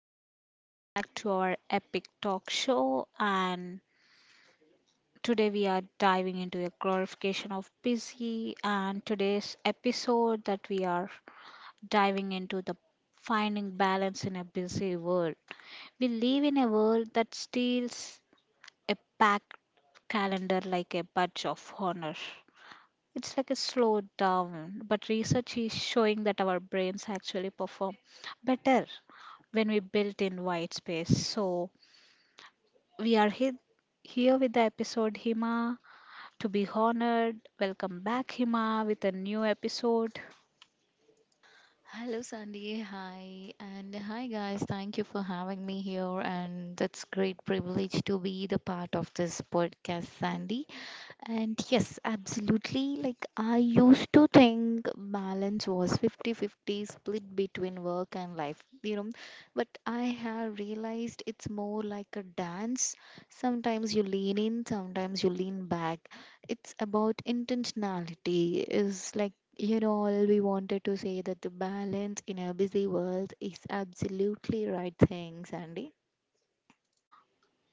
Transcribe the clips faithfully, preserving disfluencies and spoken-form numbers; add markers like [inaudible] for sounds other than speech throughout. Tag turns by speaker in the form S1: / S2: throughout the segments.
S1: guys, welcome back to our epic talk show. And today we are diving into a glorification of busy. And today's episode that we are diving into the finding balance in a busy world. We live in a world that steals a packed calendar like a badge of honor. It's like a slow down, but research is showing that our brains actually perform better when we built in white space. So, we are he- here with the episode Hima to be honored. Welcome back, Hima, with a new episode.
S2: Hello, Sandy. Hi. And hi, guys. Thank you for having me here. And it's great privilege to be the part of this podcast, Sandy. And yes, absolutely. Like, I used to think balance was fifty-fifty split between work and life, you know. But I have realized it's more like a dance. Sometimes you lean in, sometimes you lean back. It's about intentionality, is like you know, all we wanted to say that the balance in a busy world is absolutely right thing, Sandy.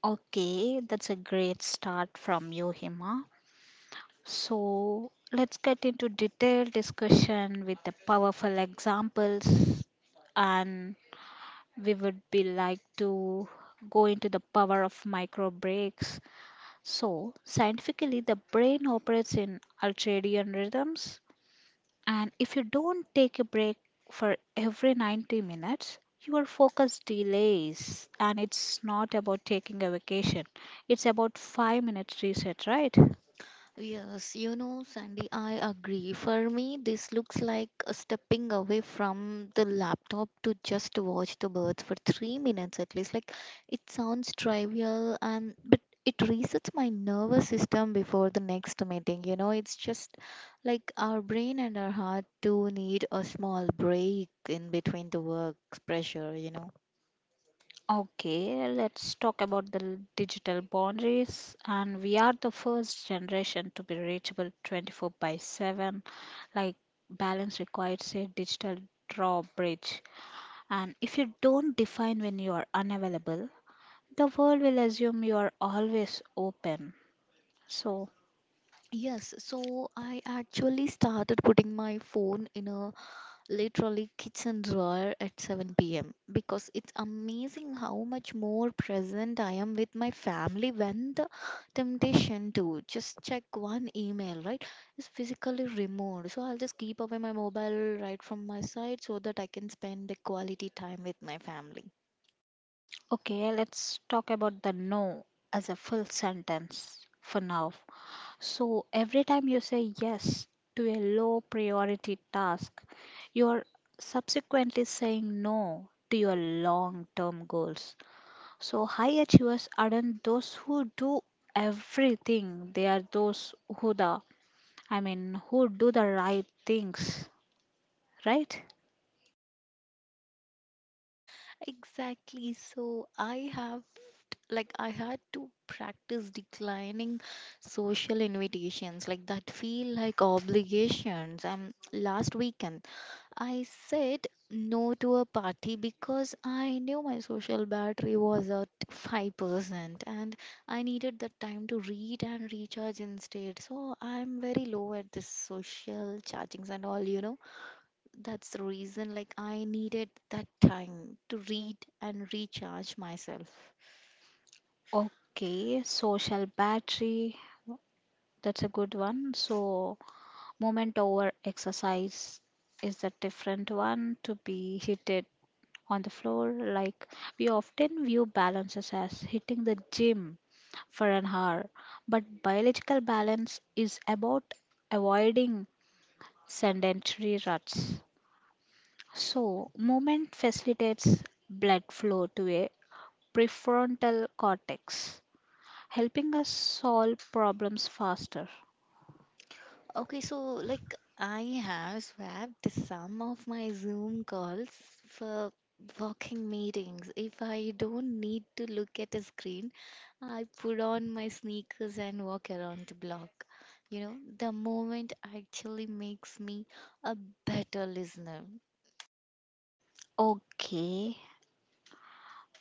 S1: Okay, that's a great start from you, Hima. So, let's get into detailed discussion with the powerful examples and we would be like to go into the power of micro breaks. So, scientifically, the brain operates in ultradian rhythms. And if you don't take a break for every ninety minutes, your focus delays. And it's not about taking a vacation, it's about five minutes reset, right?
S2: Yes, you know, Sandy, I agree. For me, this looks like a stepping away from the laptop to just watch the birds for three minutes at least. Like, it sounds trivial, and but it resets my nervous system before the next meeting. You know, it's just like our brain and our heart do need a small break in between the work pressure, you know.
S1: Okay, let's talk about the l- digital boundaries. And we are the first generation to be reachable twenty-four by seven. Like, balance requires a digital drawbridge. And if you don't define when you are unavailable, the world will assume you are always open. So,
S2: Yes, so I actually started putting my phone in a literally kitchen drawer at seven p m because it's amazing how much more present I am with my family when the temptation to just check one email, right, is physically removed. So I'll just keep away my mobile right from my side so that I can spend the quality time with my family.
S1: okay, let's talk about the no as a full sentence for now. So, every time you say yes to a low priority task, you are subsequently saying no to your long term goals. So, high achievers aren't those who do everything, they are those who the I mean, who do the right things, right?
S2: Exactly. So I have, like, I had to practice declining social invitations. Like, that feel like obligations. Um, last weekend, I said no to a party because I knew my social battery was at five percent and I needed that time to read and recharge instead. So I'm very low at this social chargings and all, you know. That's the reason like I needed that time to read and recharge myself.
S1: Okay, social battery, that's a good one. So, movement over exercise is a different one to be hitted on the floor. Like we often view balances as hitting the gym for an hour, but biological balance is about avoiding sedentary ruts. So, movement facilitates blood flow to a prefrontal cortex, helping us solve problems faster.
S2: Okay, so like I have swapped some of my Zoom calls for working meetings. If I don't need to look at a screen, I put on my sneakers and walk around the block. You know, the moment actually makes me a better listener.
S1: Okay,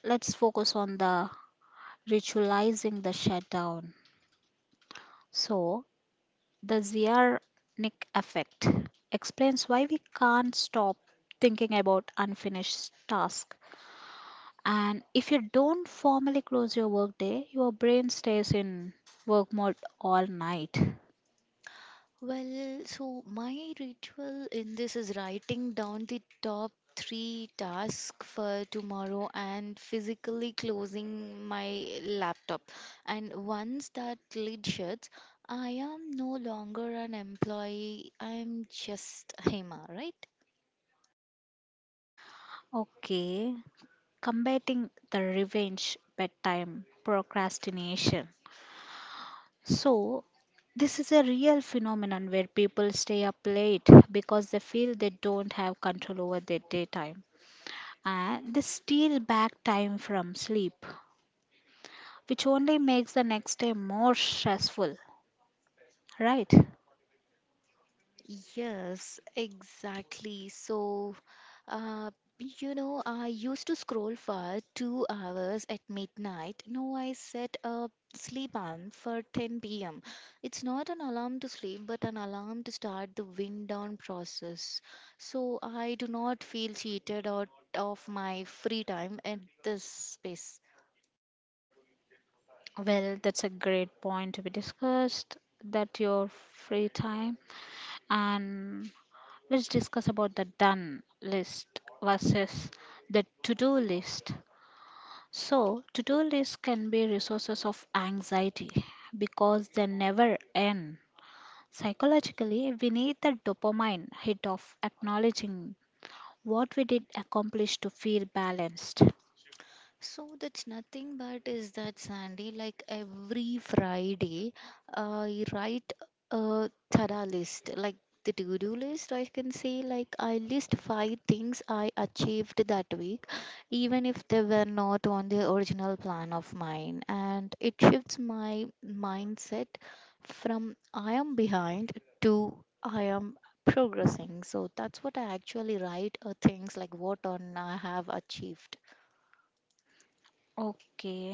S1: let's focus on the ritualizing the shutdown. So, the Ziarnik effect explains why we can't stop thinking about unfinished tasks. And if you don't formally close your workday, your brain stays in work mode all night.
S2: Well, so my ritual in this is writing down the top three tasks for tomorrow and physically closing my laptop. And once that lid shuts, I am no longer an employee, I'm just Hema, right?
S1: Okay, combating the revenge bedtime procrastination. So, this is a real phenomenon where people stay up late because they feel they don't have control over their daytime and they steal back time from sleep, which only makes the next day more stressful, right?
S2: Yes, exactly. So, uh, you know, I used to scroll for two hours at midnight. No, I set a sleep alarm for ten p m. It's not an alarm to sleep, but an alarm to start the wind down process. So I do not feel cheated out of my free time at this space.
S1: Well, that's a great point to be discussed that your free time, and let's discuss about the done list versus the to-do list. So, to-do lists can be resources of anxiety because they never end. Psychologically, we need the dopamine hit of acknowledging what we did accomplish to feel balanced.
S2: So that's nothing but is that Sandy, like every Friday, uh, I write a thorough list, like the to-do list. I can say like I list five things I achieved that week, even if they were not on the original plan of mine, and it shifts my mindset from I am behind to I am progressing. So that's what I actually write, uh, things like what on I have achieved.
S1: Okay,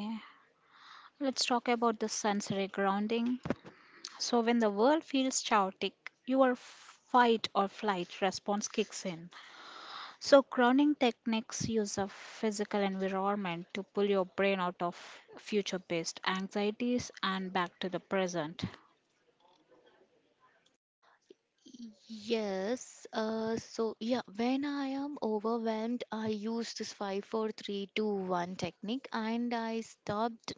S1: let's talk about the sensory grounding. So, when the world feels chaotic, your fight or flight response kicks in. So, grounding techniques use a physical environment to pull your brain out of future based anxieties and back to the present.
S2: Yes, uh, so yeah, when I am overwhelmed, I use this five, four, three, two, one technique and I stopped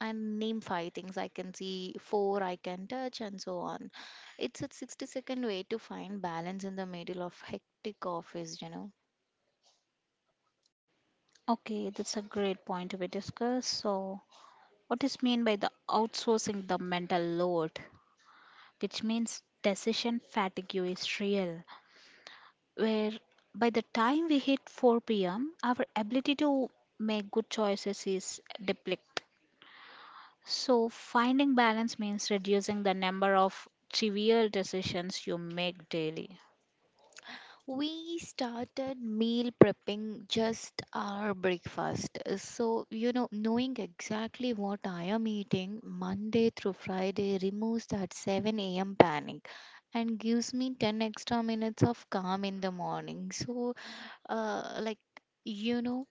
S2: and name five things I can see, four I can touch, and so on. It's a sixty second way to find balance in the middle of hectic office, you know.
S1: Okay, that's a great point to be discussed. So, what is mean by the outsourcing the mental load? Which means decision fatigue is real, where by the time we hit four p m, our ability to make good choices is depleted. So, finding balance means reducing the number of trivial decisions you make daily.
S2: We started meal prepping just our breakfast. So, you know, knowing exactly what I am eating Monday through Friday removes that seven a m panic and gives me ten extra minutes of calm in the morning. So, uh, like, you know,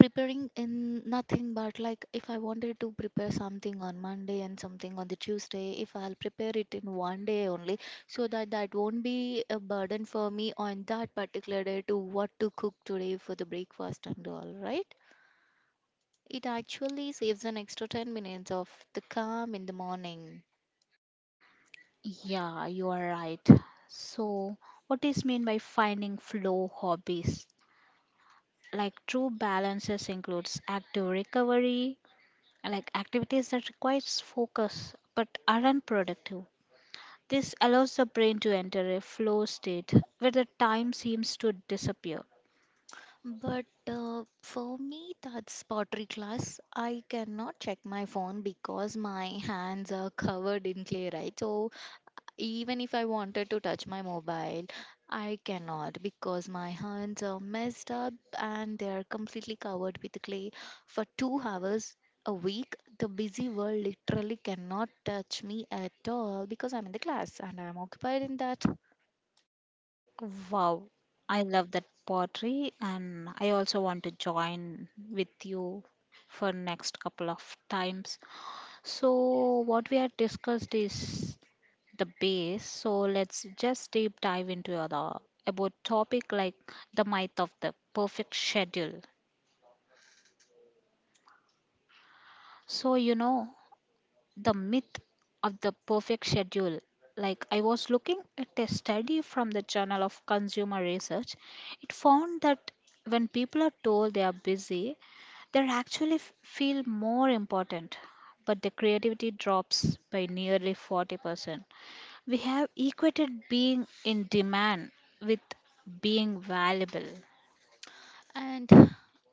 S2: preparing in nothing but like if I wanted to prepare something on Monday and something on the Tuesday, if I'll prepare it in one day only, so that that won't be a burden for me on that particular day to what to cook today for the breakfast and all right, it actually saves an extra ten minutes of the calm in the morning.
S1: Yeah, you are right. So, what is mean by finding flow hobbies? Like true balances includes active recovery, like activities that requires focus but aren't productive. This allows the brain to enter a flow state where the time seems to disappear.
S2: But uh, for me, that's pottery class. I cannot check my phone because my hands are covered in clay, right? So even if I wanted to touch my mobile, I cannot because my hands are messed up and they are completely covered with clay. For two hours a week, the busy world literally cannot touch me at all because I'm in the class and I'm occupied in that.
S1: Wow, I love that pottery and I also want to join with you for next couple of times. So what we have discussed is the base. So let's just deep dive into other about topic like the myth of the perfect schedule. So you know the myth of the perfect schedule. Like, I was looking at a study from the Journal of Consumer Research. It found that when people are told they are busy, they actually f- feel more important, but the creativity drops by nearly forty percent. We have equated being in demand with being valuable.
S2: And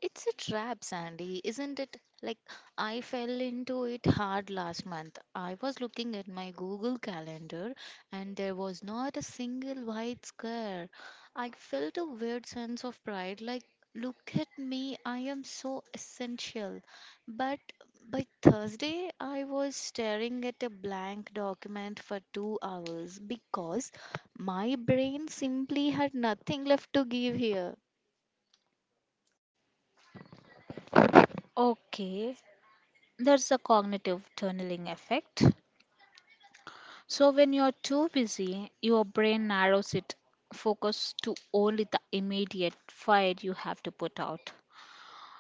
S2: it's a trap, Sandy, isn't it? Like, I fell into it hard last month. I was looking at my Google Calendar and there was not a single white square. I felt a weird sense of pride like, look at me, I am so essential. But by Thursday, I was staring at a blank document for two hours because my brain simply had nothing left to give here.
S1: Okay, there's a cognitive tunneling effect. So, when you're too busy, your brain narrows it focus to only the immediate fire you have to put out.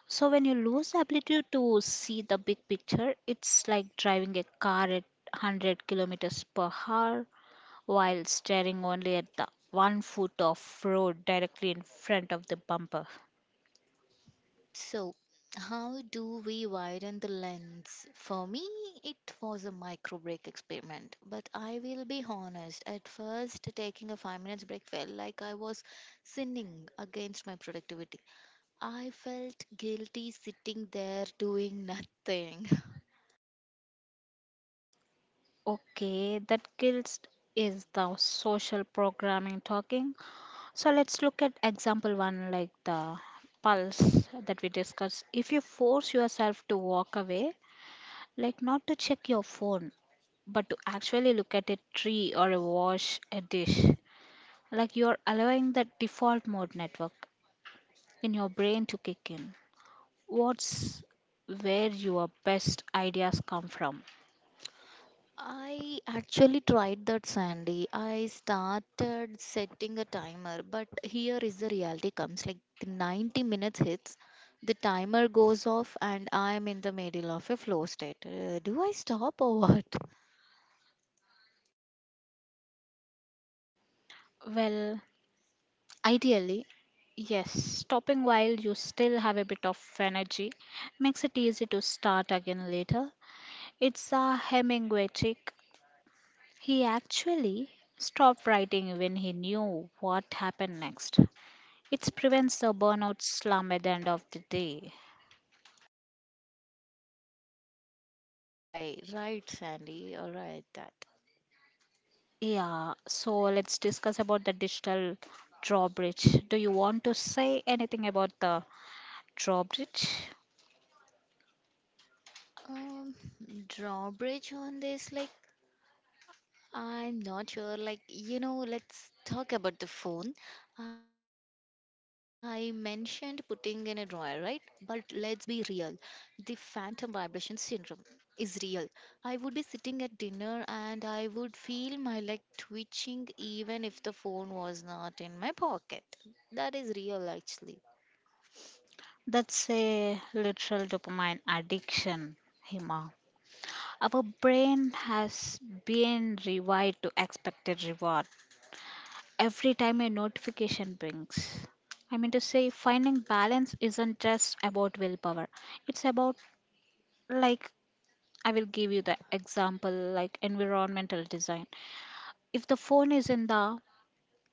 S1: So, when you lose the ability to see the big picture, it's like driving a car at one hundred kilometers per hour while staring only at the one foot of road directly in front of the bumper.
S2: So, how do we widen the lens? For me, it was a micro break experiment, but I will be honest. At first, taking a five minutes break felt like I was sinning against my productivity. I felt guilty sitting there doing nothing. [laughs]
S1: Okay, that guilt is the social programming talking. So let's look at example one, like the pulse that we discussed. If you force yourself to walk away, like not to check your phone, but to actually look at a tree or a wash, a dish, like you're allowing the default mode network in your brain to kick in. What's where your best ideas come from?
S2: I actually tried that, Sandy. I started setting a timer, but here is the reality comes like the ninety minutes hits, the timer goes off, and I'm in the middle of a flow state. Uh, do I stop or what? [laughs]
S1: Well, ideally, yes, stopping while you still have a bit of energy makes it easy to start again later. It's a Hemingway trick. He actually stopped writing when he knew what happened next. It prevents the burnout slump at the end of the day.
S2: Right, right, Sandy. All right, that.
S1: Yeah, so let's discuss about the digital drawbridge. Do you want to say anything about the drawbridge?
S2: Um, drawbridge on this, like I'm not sure. Like, you know, let's talk about the phone. I mentioned putting in a drawer, right? But let's be real. The phantom vibration syndrome is real. I would be sitting at dinner and I would feel my leg twitching even if the phone was not in my pocket. That is real actually.
S1: That's a literal dopamine addiction, Hima. Our brain has been rewired to expect a reward every time a notification brings. I mean to say, finding balance isn't just about willpower, it's about, like, I will give you the example like environmental design. If the phone is in the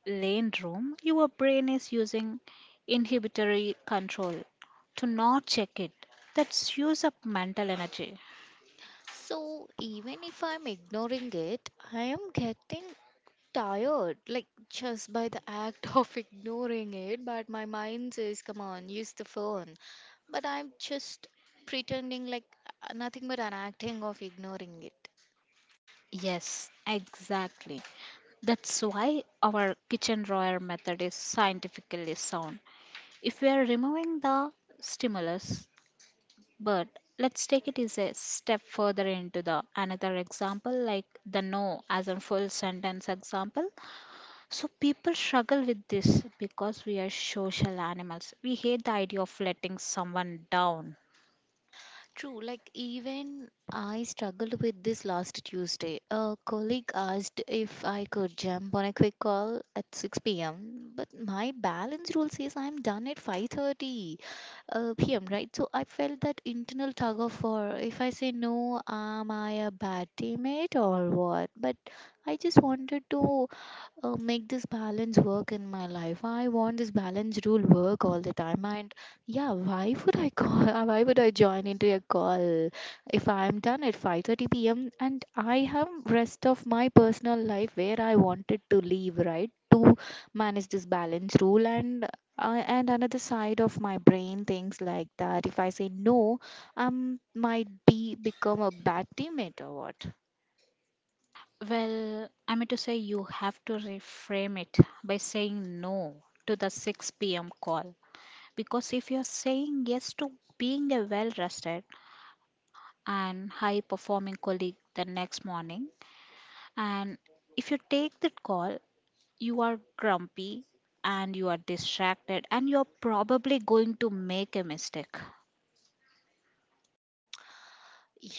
S1: lane room, your brain is using inhibitory control to not check it. That's use up mental energy.
S2: So even if I'm ignoring it, I am getting tired, like just by the act [laughs] of ignoring it, but my mind says, come on, use the phone. But I'm just pretending like uh, nothing but an acting of ignoring it.
S1: Yes, exactly. That's why our kitchen drawer method is scientifically sound. If we are removing the stimulus, but let's take it as a step further into the another example, like the no as a full sentence example. So people struggle with this because we are social animals. We hate the idea of letting someone down.
S2: True, like even I struggled with this last Tuesday. A colleague asked if I could jump on a quick call at six p m, but my balance rule says I'm done at five thirty uh, p m, right? So I felt that internal tug of war. If I say no, am I a bad teammate or what? But I just wanted to uh, make this balance work in my life. I want this balance rule work all the time. And yeah, why would I call? [laughs] Why would I join into a call if I'm done at five thirty p m and I have rest of my personal life where I wanted to leave, right? To manage this balance rule and uh, and another side of my brain thinks like that. If I say no, um, might be become a bad teammate or what.
S1: Well, I mean to say you have to reframe it by saying no to the six p m call, because if you're saying yes to being a well rested and high performing colleague the next morning. And if you take that call, you are grumpy and you are distracted and you're probably going to make a mistake.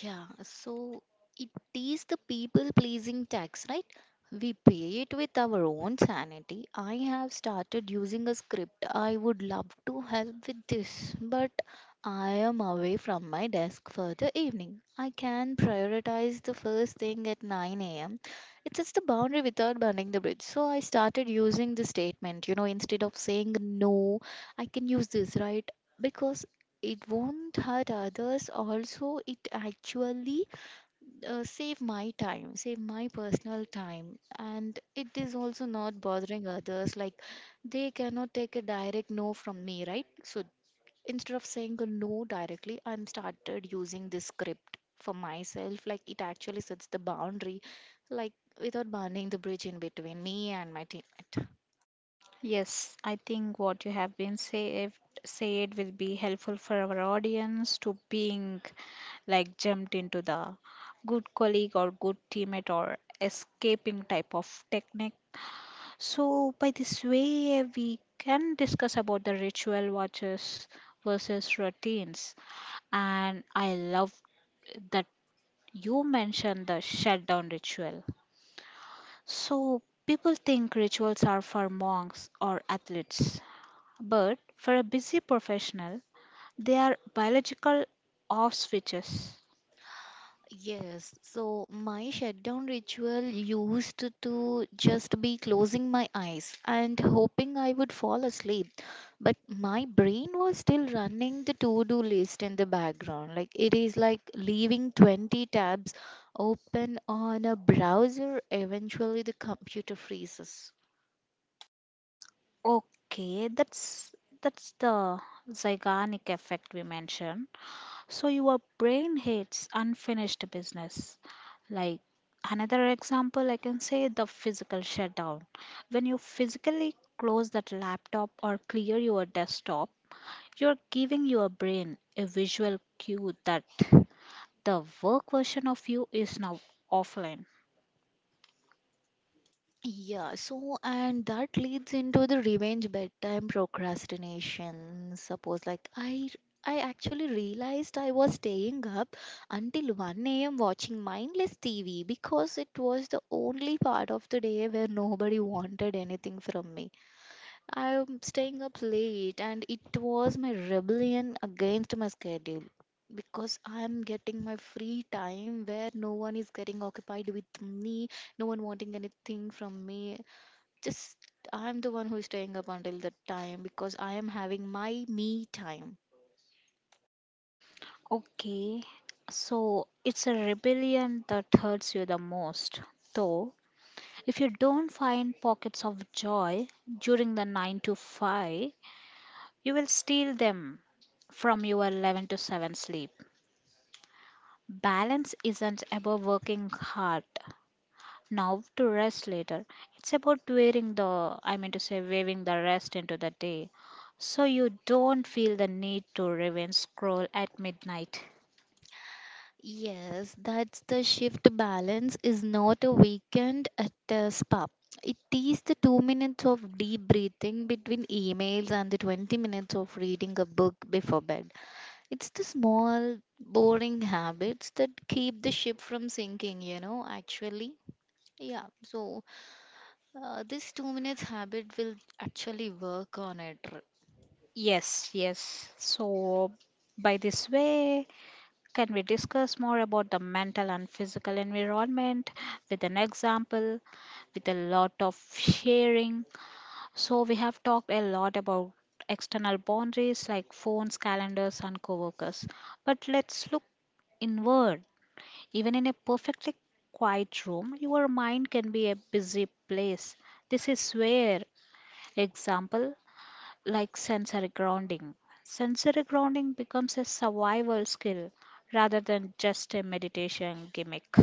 S2: Yeah, so it is the people pleasing tax, right? We pay it with our own sanity. I have started using a script. I would love to help with this, but I am away from my desk for the evening. I can prioritize the first thing at nine a m. It sets the boundary without burning the bridge. So I started using this statement, you know, instead of saying no, I can use this, right? Because it won't hurt others also it actually uh, save my time, save my personal time and it is also not bothering others like they cannot take a direct no from me, right? So instead of saying a no directly, I'm started using this script for myself like it actually sets the boundary, like without burning the bridge in between me and my teammate.
S1: Yes, I think what you have been say said will be helpful for our audience to being like jumped into the good colleague or good teammate or escaping type of technique. So, by this way, we can discuss about the ritual watches versus routines. And I love that you mentioned the shutdown ritual. So, people think rituals are for monks or athletes, but for a busy professional, they are biological off switches.
S2: Yes, so my shutdown ritual used to just be closing my eyes and hoping I would fall asleep. But my brain was still running the to do list in the background. Like it is like leaving twenty tabs open on a browser, eventually, the computer freezes.
S1: Okay, that's that's the zygonic effect we mentioned. So your brain hates unfinished business. Like another example, I can say the physical shutdown. When you physically close that laptop or clear your desktop, you're giving your brain a visual cue that the work version of you is now offline.
S2: Yeah, so and that leads into the revenge bedtime procrastination. Suppose like I I actually realized I was staying up until one a m watching mindless T V because it was the only part of the day where nobody wanted anything from me. I'm staying up late and it was my rebellion against my schedule because I'm getting my free time where no one is getting occupied with me, no one wanting anything from me, just I'm the one who is staying up until that time because I am having my me time.
S1: Okay, so it's a rebellion that hurts you the most. Though, if you don't find pockets of joy during the nine to five, you will steal them from your eleven to seven sleep. Balance isn't about working hard now to rest later. It's about wearing the, I mean to say, waving the rest into the day so you don't feel the need to revenge scroll at midnight.
S2: Yes, that's the shift balance is not a weekend at a spa. It is the two minutes of deep breathing between emails and the twenty minutes of reading a book before bed. It's the small, boring habits that keep the ship from sinking, you know, actually. Yeah, so uh, this two minutes habit will actually work on it.
S1: Yes, yes. So, by this way, can we discuss more about the mental and physical environment with an example, with a lot of sharing. So, we have talked a lot about external boundaries like phones, calendars, and coworkers. But let's look inward. Even in a perfectly quiet room, your mind can be a busy place. This is where, example, like sensory grounding. Sensory grounding becomes a survival skill rather than just a meditation gimmick.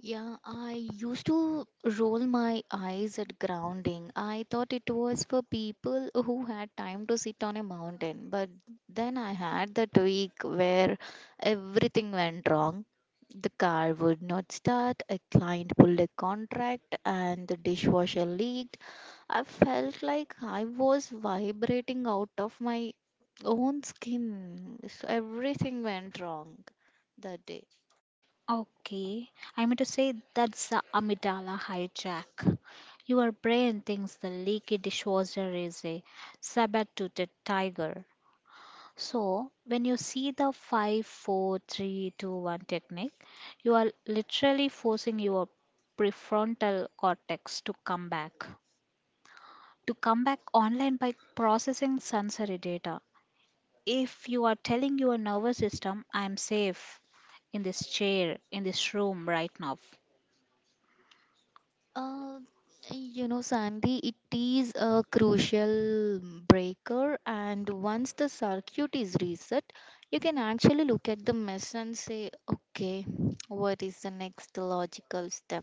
S2: Yeah, I used to roll my eyes at grounding. I thought it was for people who had time to sit on a mountain, but then I had that week where everything went wrong. The car would not start, a client pulled a contract, and the dishwasher leaked. I felt like I was vibrating out of my own skin. So everything went wrong that day.
S1: Okay, I mean to say that's the amygdala hijack. Your brain thinks the leaky dishwasher is a saber-toothed tiger. So, when you see the five, four, three, two, one technique, you are literally forcing your prefrontal cortex to come back. To come back online by processing sensory data. If you are telling your nervous system, I am safe in this chair, in this room right now.
S2: Uh, you know, Sandy, it is a crucial breaker, and once the circuit is reset, you can actually look at the mess and say, okay, what is the next logical step?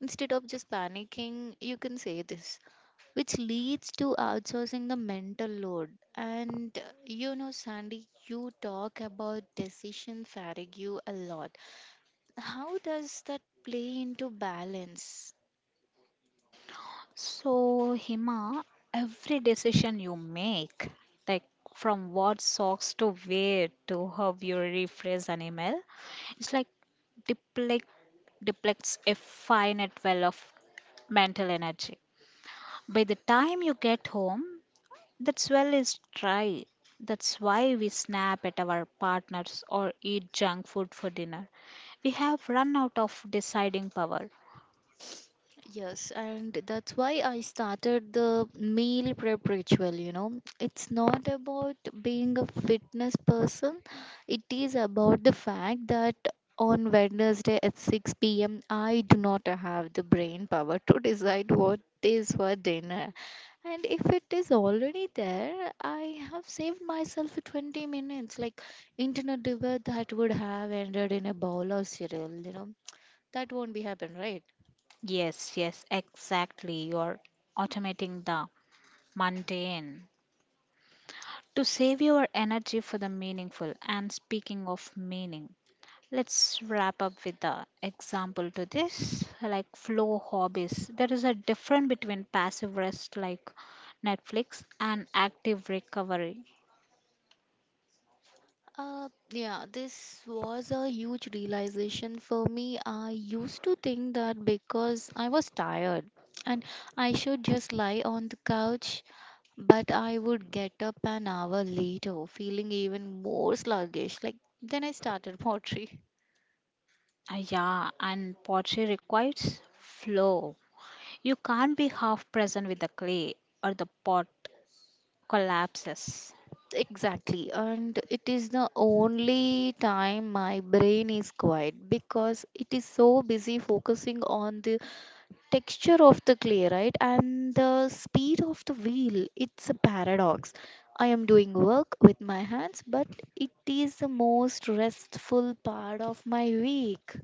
S2: Instead of just panicking, you can say this, which leads to outsourcing the mental load. And uh, you know, Sandy, you talk about decision fatigue a lot. How does that play into balance?
S1: So, Hima, every decision you make, like from what socks to wear to how you rephrase an email, it's like deplect, depletes a finite well of mental energy. By the time you get home, that well is dry. That's why we snap at our partners or eat junk food for dinner. We have run out of deciding power.
S2: Yes, and that's why I started the meal prep ritual. You know, it's not about being a fitness person, it is about the fact that on Wednesday at six p m, I do not have the brain power to decide what is for dinner. And if it is already there, I have saved myself twenty minutes. Like internet debate that would have ended in a bowl of cereal, you know. That won't be happen, right?
S1: Yes, yes, exactly. You're automating the mundane to save your energy for the meaningful. And speaking of meaning, let's wrap up with the example to this like flow hobbies. There is a difference between passive rest like Netflix and active recovery.
S2: Uh, yeah, this was a huge realization for me. I used to think that because I was tired and I should just lie on the couch, but I would get up an hour later feeling even more sluggish. Like, then I started [laughs] pottery.
S1: Ah, yeah, and pottery requires flow. You can't be half present with the clay or the pot collapses.
S2: Exactly, and it is the only time my brain is quiet because it is so busy focusing on the texture of the clay, right? And the speed of the wheel. It's a paradox. I am doing work with my hands, but it is the most restful part of my week.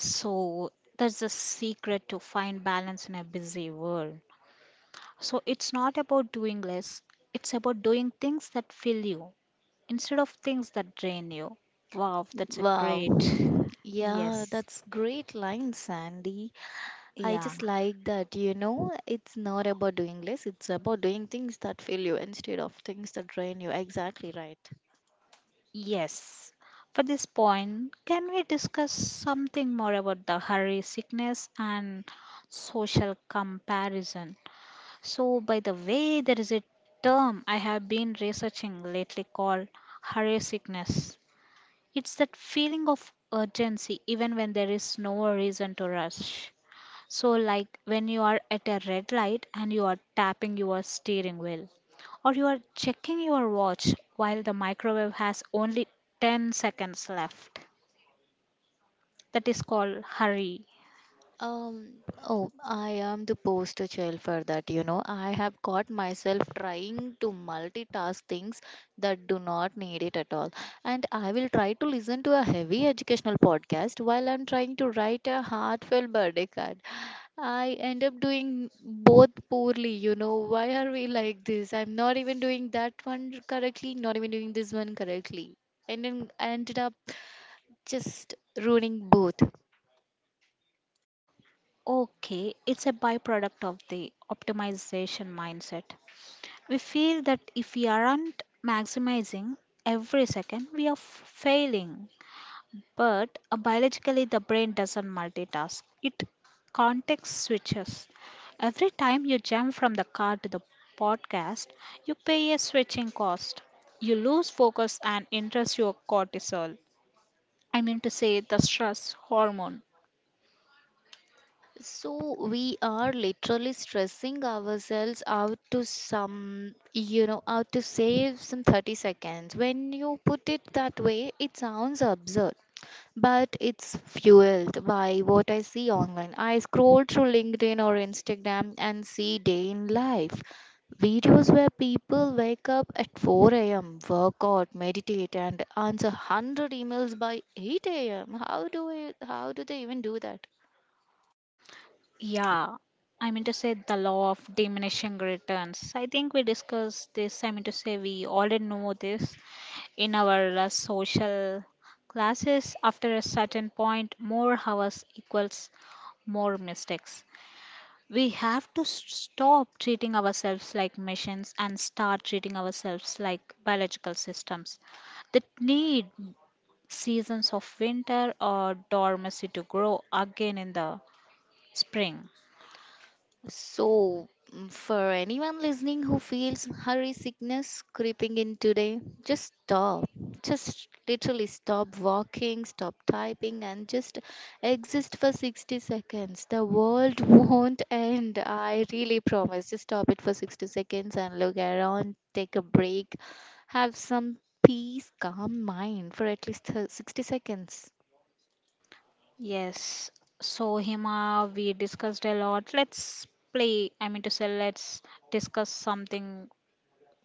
S1: So that's the secret to find balance in a busy world. So it's not about doing less, it's about doing things that fill you instead of things that drain you. Wow, that's a
S2: Wow.
S1: great.
S2: Yeah,
S1: Yes.
S2: that's great line, Sandy. I
S1: Yeah,
S2: just like that, you know, it's not about doing less, it's about doing things that fill you instead of things that drain you. Exactly right.
S1: yes. For this point, can we discuss something more about the hurry sickness and social comparison? So, by the way, there is a term I have been researching lately called hurry sickness. It's that feeling of urgency even when there is no reason to rush. So, like when you are at a red light and you are tapping your steering wheel, or you are checking your watch while the microwave has only ten seconds left. That is called hurry.
S2: Um, oh, I am the poster child for that, you know. I have caught myself trying to multitask things that do not need it at all. And I will try to listen to a heavy educational podcast while I'm trying to write a heartfelt birthday card. I end up doing both poorly, you know. Why are we like this? I'm not even doing that one correctly, not even doing this one correctly. And then I ended up just ruining both.
S1: Okay, it's a byproduct of the optimization mindset. We feel that if we aren't maximizing every second, we are f- failing. But uh, biologically, the brain doesn't multitask, it context switches. Every time you jump from the car to the podcast, you pay a switching cost. You lose focus and interest your cortisol. I mean to say the stress hormone.
S2: So we are literally stressing ourselves out to some, you know, out to save some thirty seconds. When you put it that way, it sounds absurd, but it's fueled by what I see online. I scroll through LinkedIn or Instagram and see day in life videos where people wake up at four a m, work out, meditate, and answer one hundred emails by eight a m. How do we, how do they even do that?
S1: Yeah, I mean to say the law of diminishing returns. I think we discussed this. I mean to say we already know this in our uh, social classes. After a certain point more hours equals more mistakes. We have to s- stop treating ourselves like machines and start treating ourselves like biological systems that need seasons of winter or dormancy to grow again in the spring.
S2: So, mm, for anyone listening who feels hurry sickness creeping in today, just stop. Just literally stop walking, stop typing, and just exist for sixty seconds. The world [laughs] won't end. I really promise. Just stop it for sixty seconds and look around, take a break, have some peace, calm mind for at least uh, sixty seconds.
S1: Yes, so Hima, we discussed a lot. Let's play I mean to say let's discuss something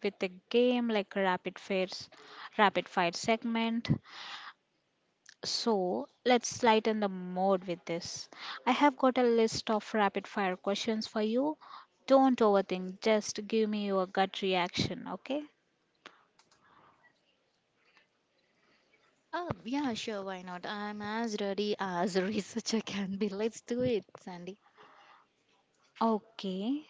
S1: with a game like rapid fires, rapid fire segment. So let's lighten the mode with this. I have got a list of rapid fire questions for you. Don't overthink. Just give me your gut reaction. Okay.
S2: Oh, yeah, sure, why not? I'm as ready as [laughs] a researcher can be. Let's do it, Sandy.
S1: Okay.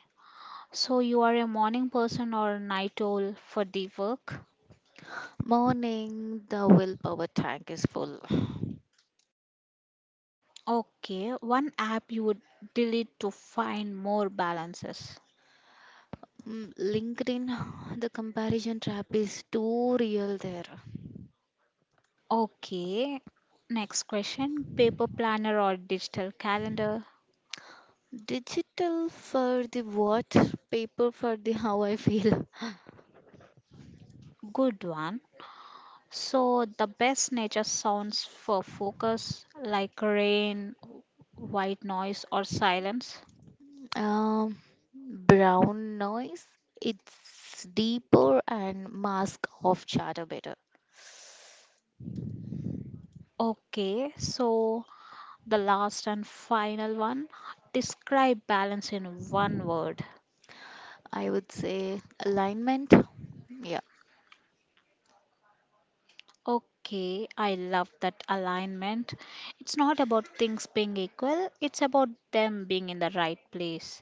S1: So you are a morning person or a night owl for the work.
S2: Morning, the willpower tank is full.
S1: Okay. One app you would delete to find more balances.
S2: Mm, LinkedIn, the comparison trap is too real there.
S1: Okay. Next question. Paper planner or digital calendar?
S2: Digital for the what, paper for the [laughs] how I feel.
S1: Good one. So, the best nature sounds for focus, like rain, white noise, or silence.
S2: Um, brown noise, it's deeper and mask off chatter better.
S1: Okay, so the last and final one, describe balance in one word.
S2: I would say alignment.
S1: Okay, I love that alignment. It's not about things being equal, it's about them being in the right place.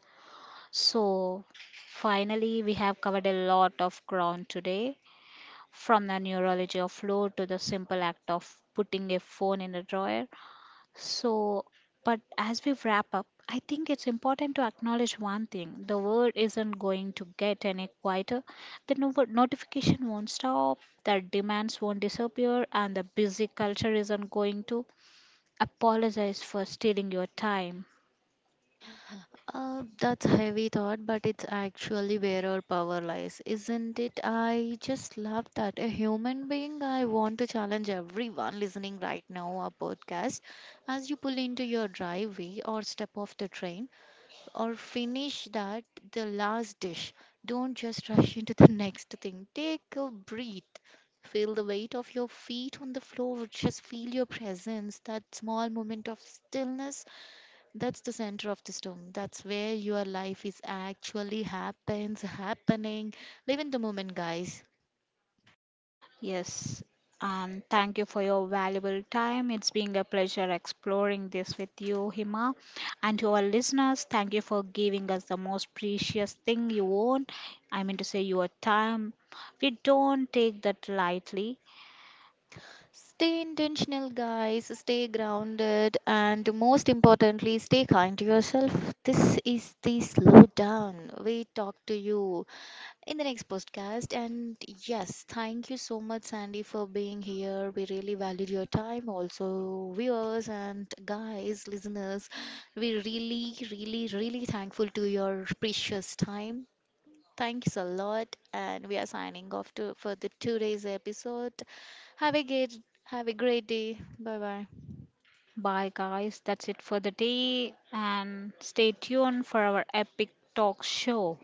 S1: So, finally, we have covered a lot of ground today from the neurology of flow to the simple act of putting a phone in a drawer. So, but as we wrap up, I think it's important to acknowledge one thing: the world isn't going to get any quieter. The no- notification won't stop, the demands won't disappear, and the busy culture isn't going to apologize for stealing your time.
S2: Uh, that's a heavy thought, but it's actually where our power lies, isn't it? I just love that. A human being, I want to challenge everyone listening right now, our podcast. As you pull into your driveway or step off the train or finish that, the last dish, don't just rush into the [laughs] next thing. Take a breath. Feel the weight of your feet on the floor. Just feel your presence, that small moment of stillness that's the center of the storm. That's where your life is actually happens, happening. Live in the moment, guys.
S1: Yes. Um, thank you for your valuable time. It's been a pleasure exploring this with you, Hima. And to our listeners, thank you for giving us the most precious thing you own. I mean to say, your time. We don't take that lightly.
S2: Stay intentional, guys. Stay grounded. And most importantly, stay kind to yourself. This is the slow down. We talk to you in the next podcast. And yes, thank you so much, Sandy, for being here. We really valued your time, also, viewers and guys, listeners. We really, really, really thankful to your precious time. Thanks a lot, and we are signing off to for the today's episode. Have a great, have a great day. Bye bye.
S1: Bye, guys. That's it for the day. And stay tuned for our epic talk show.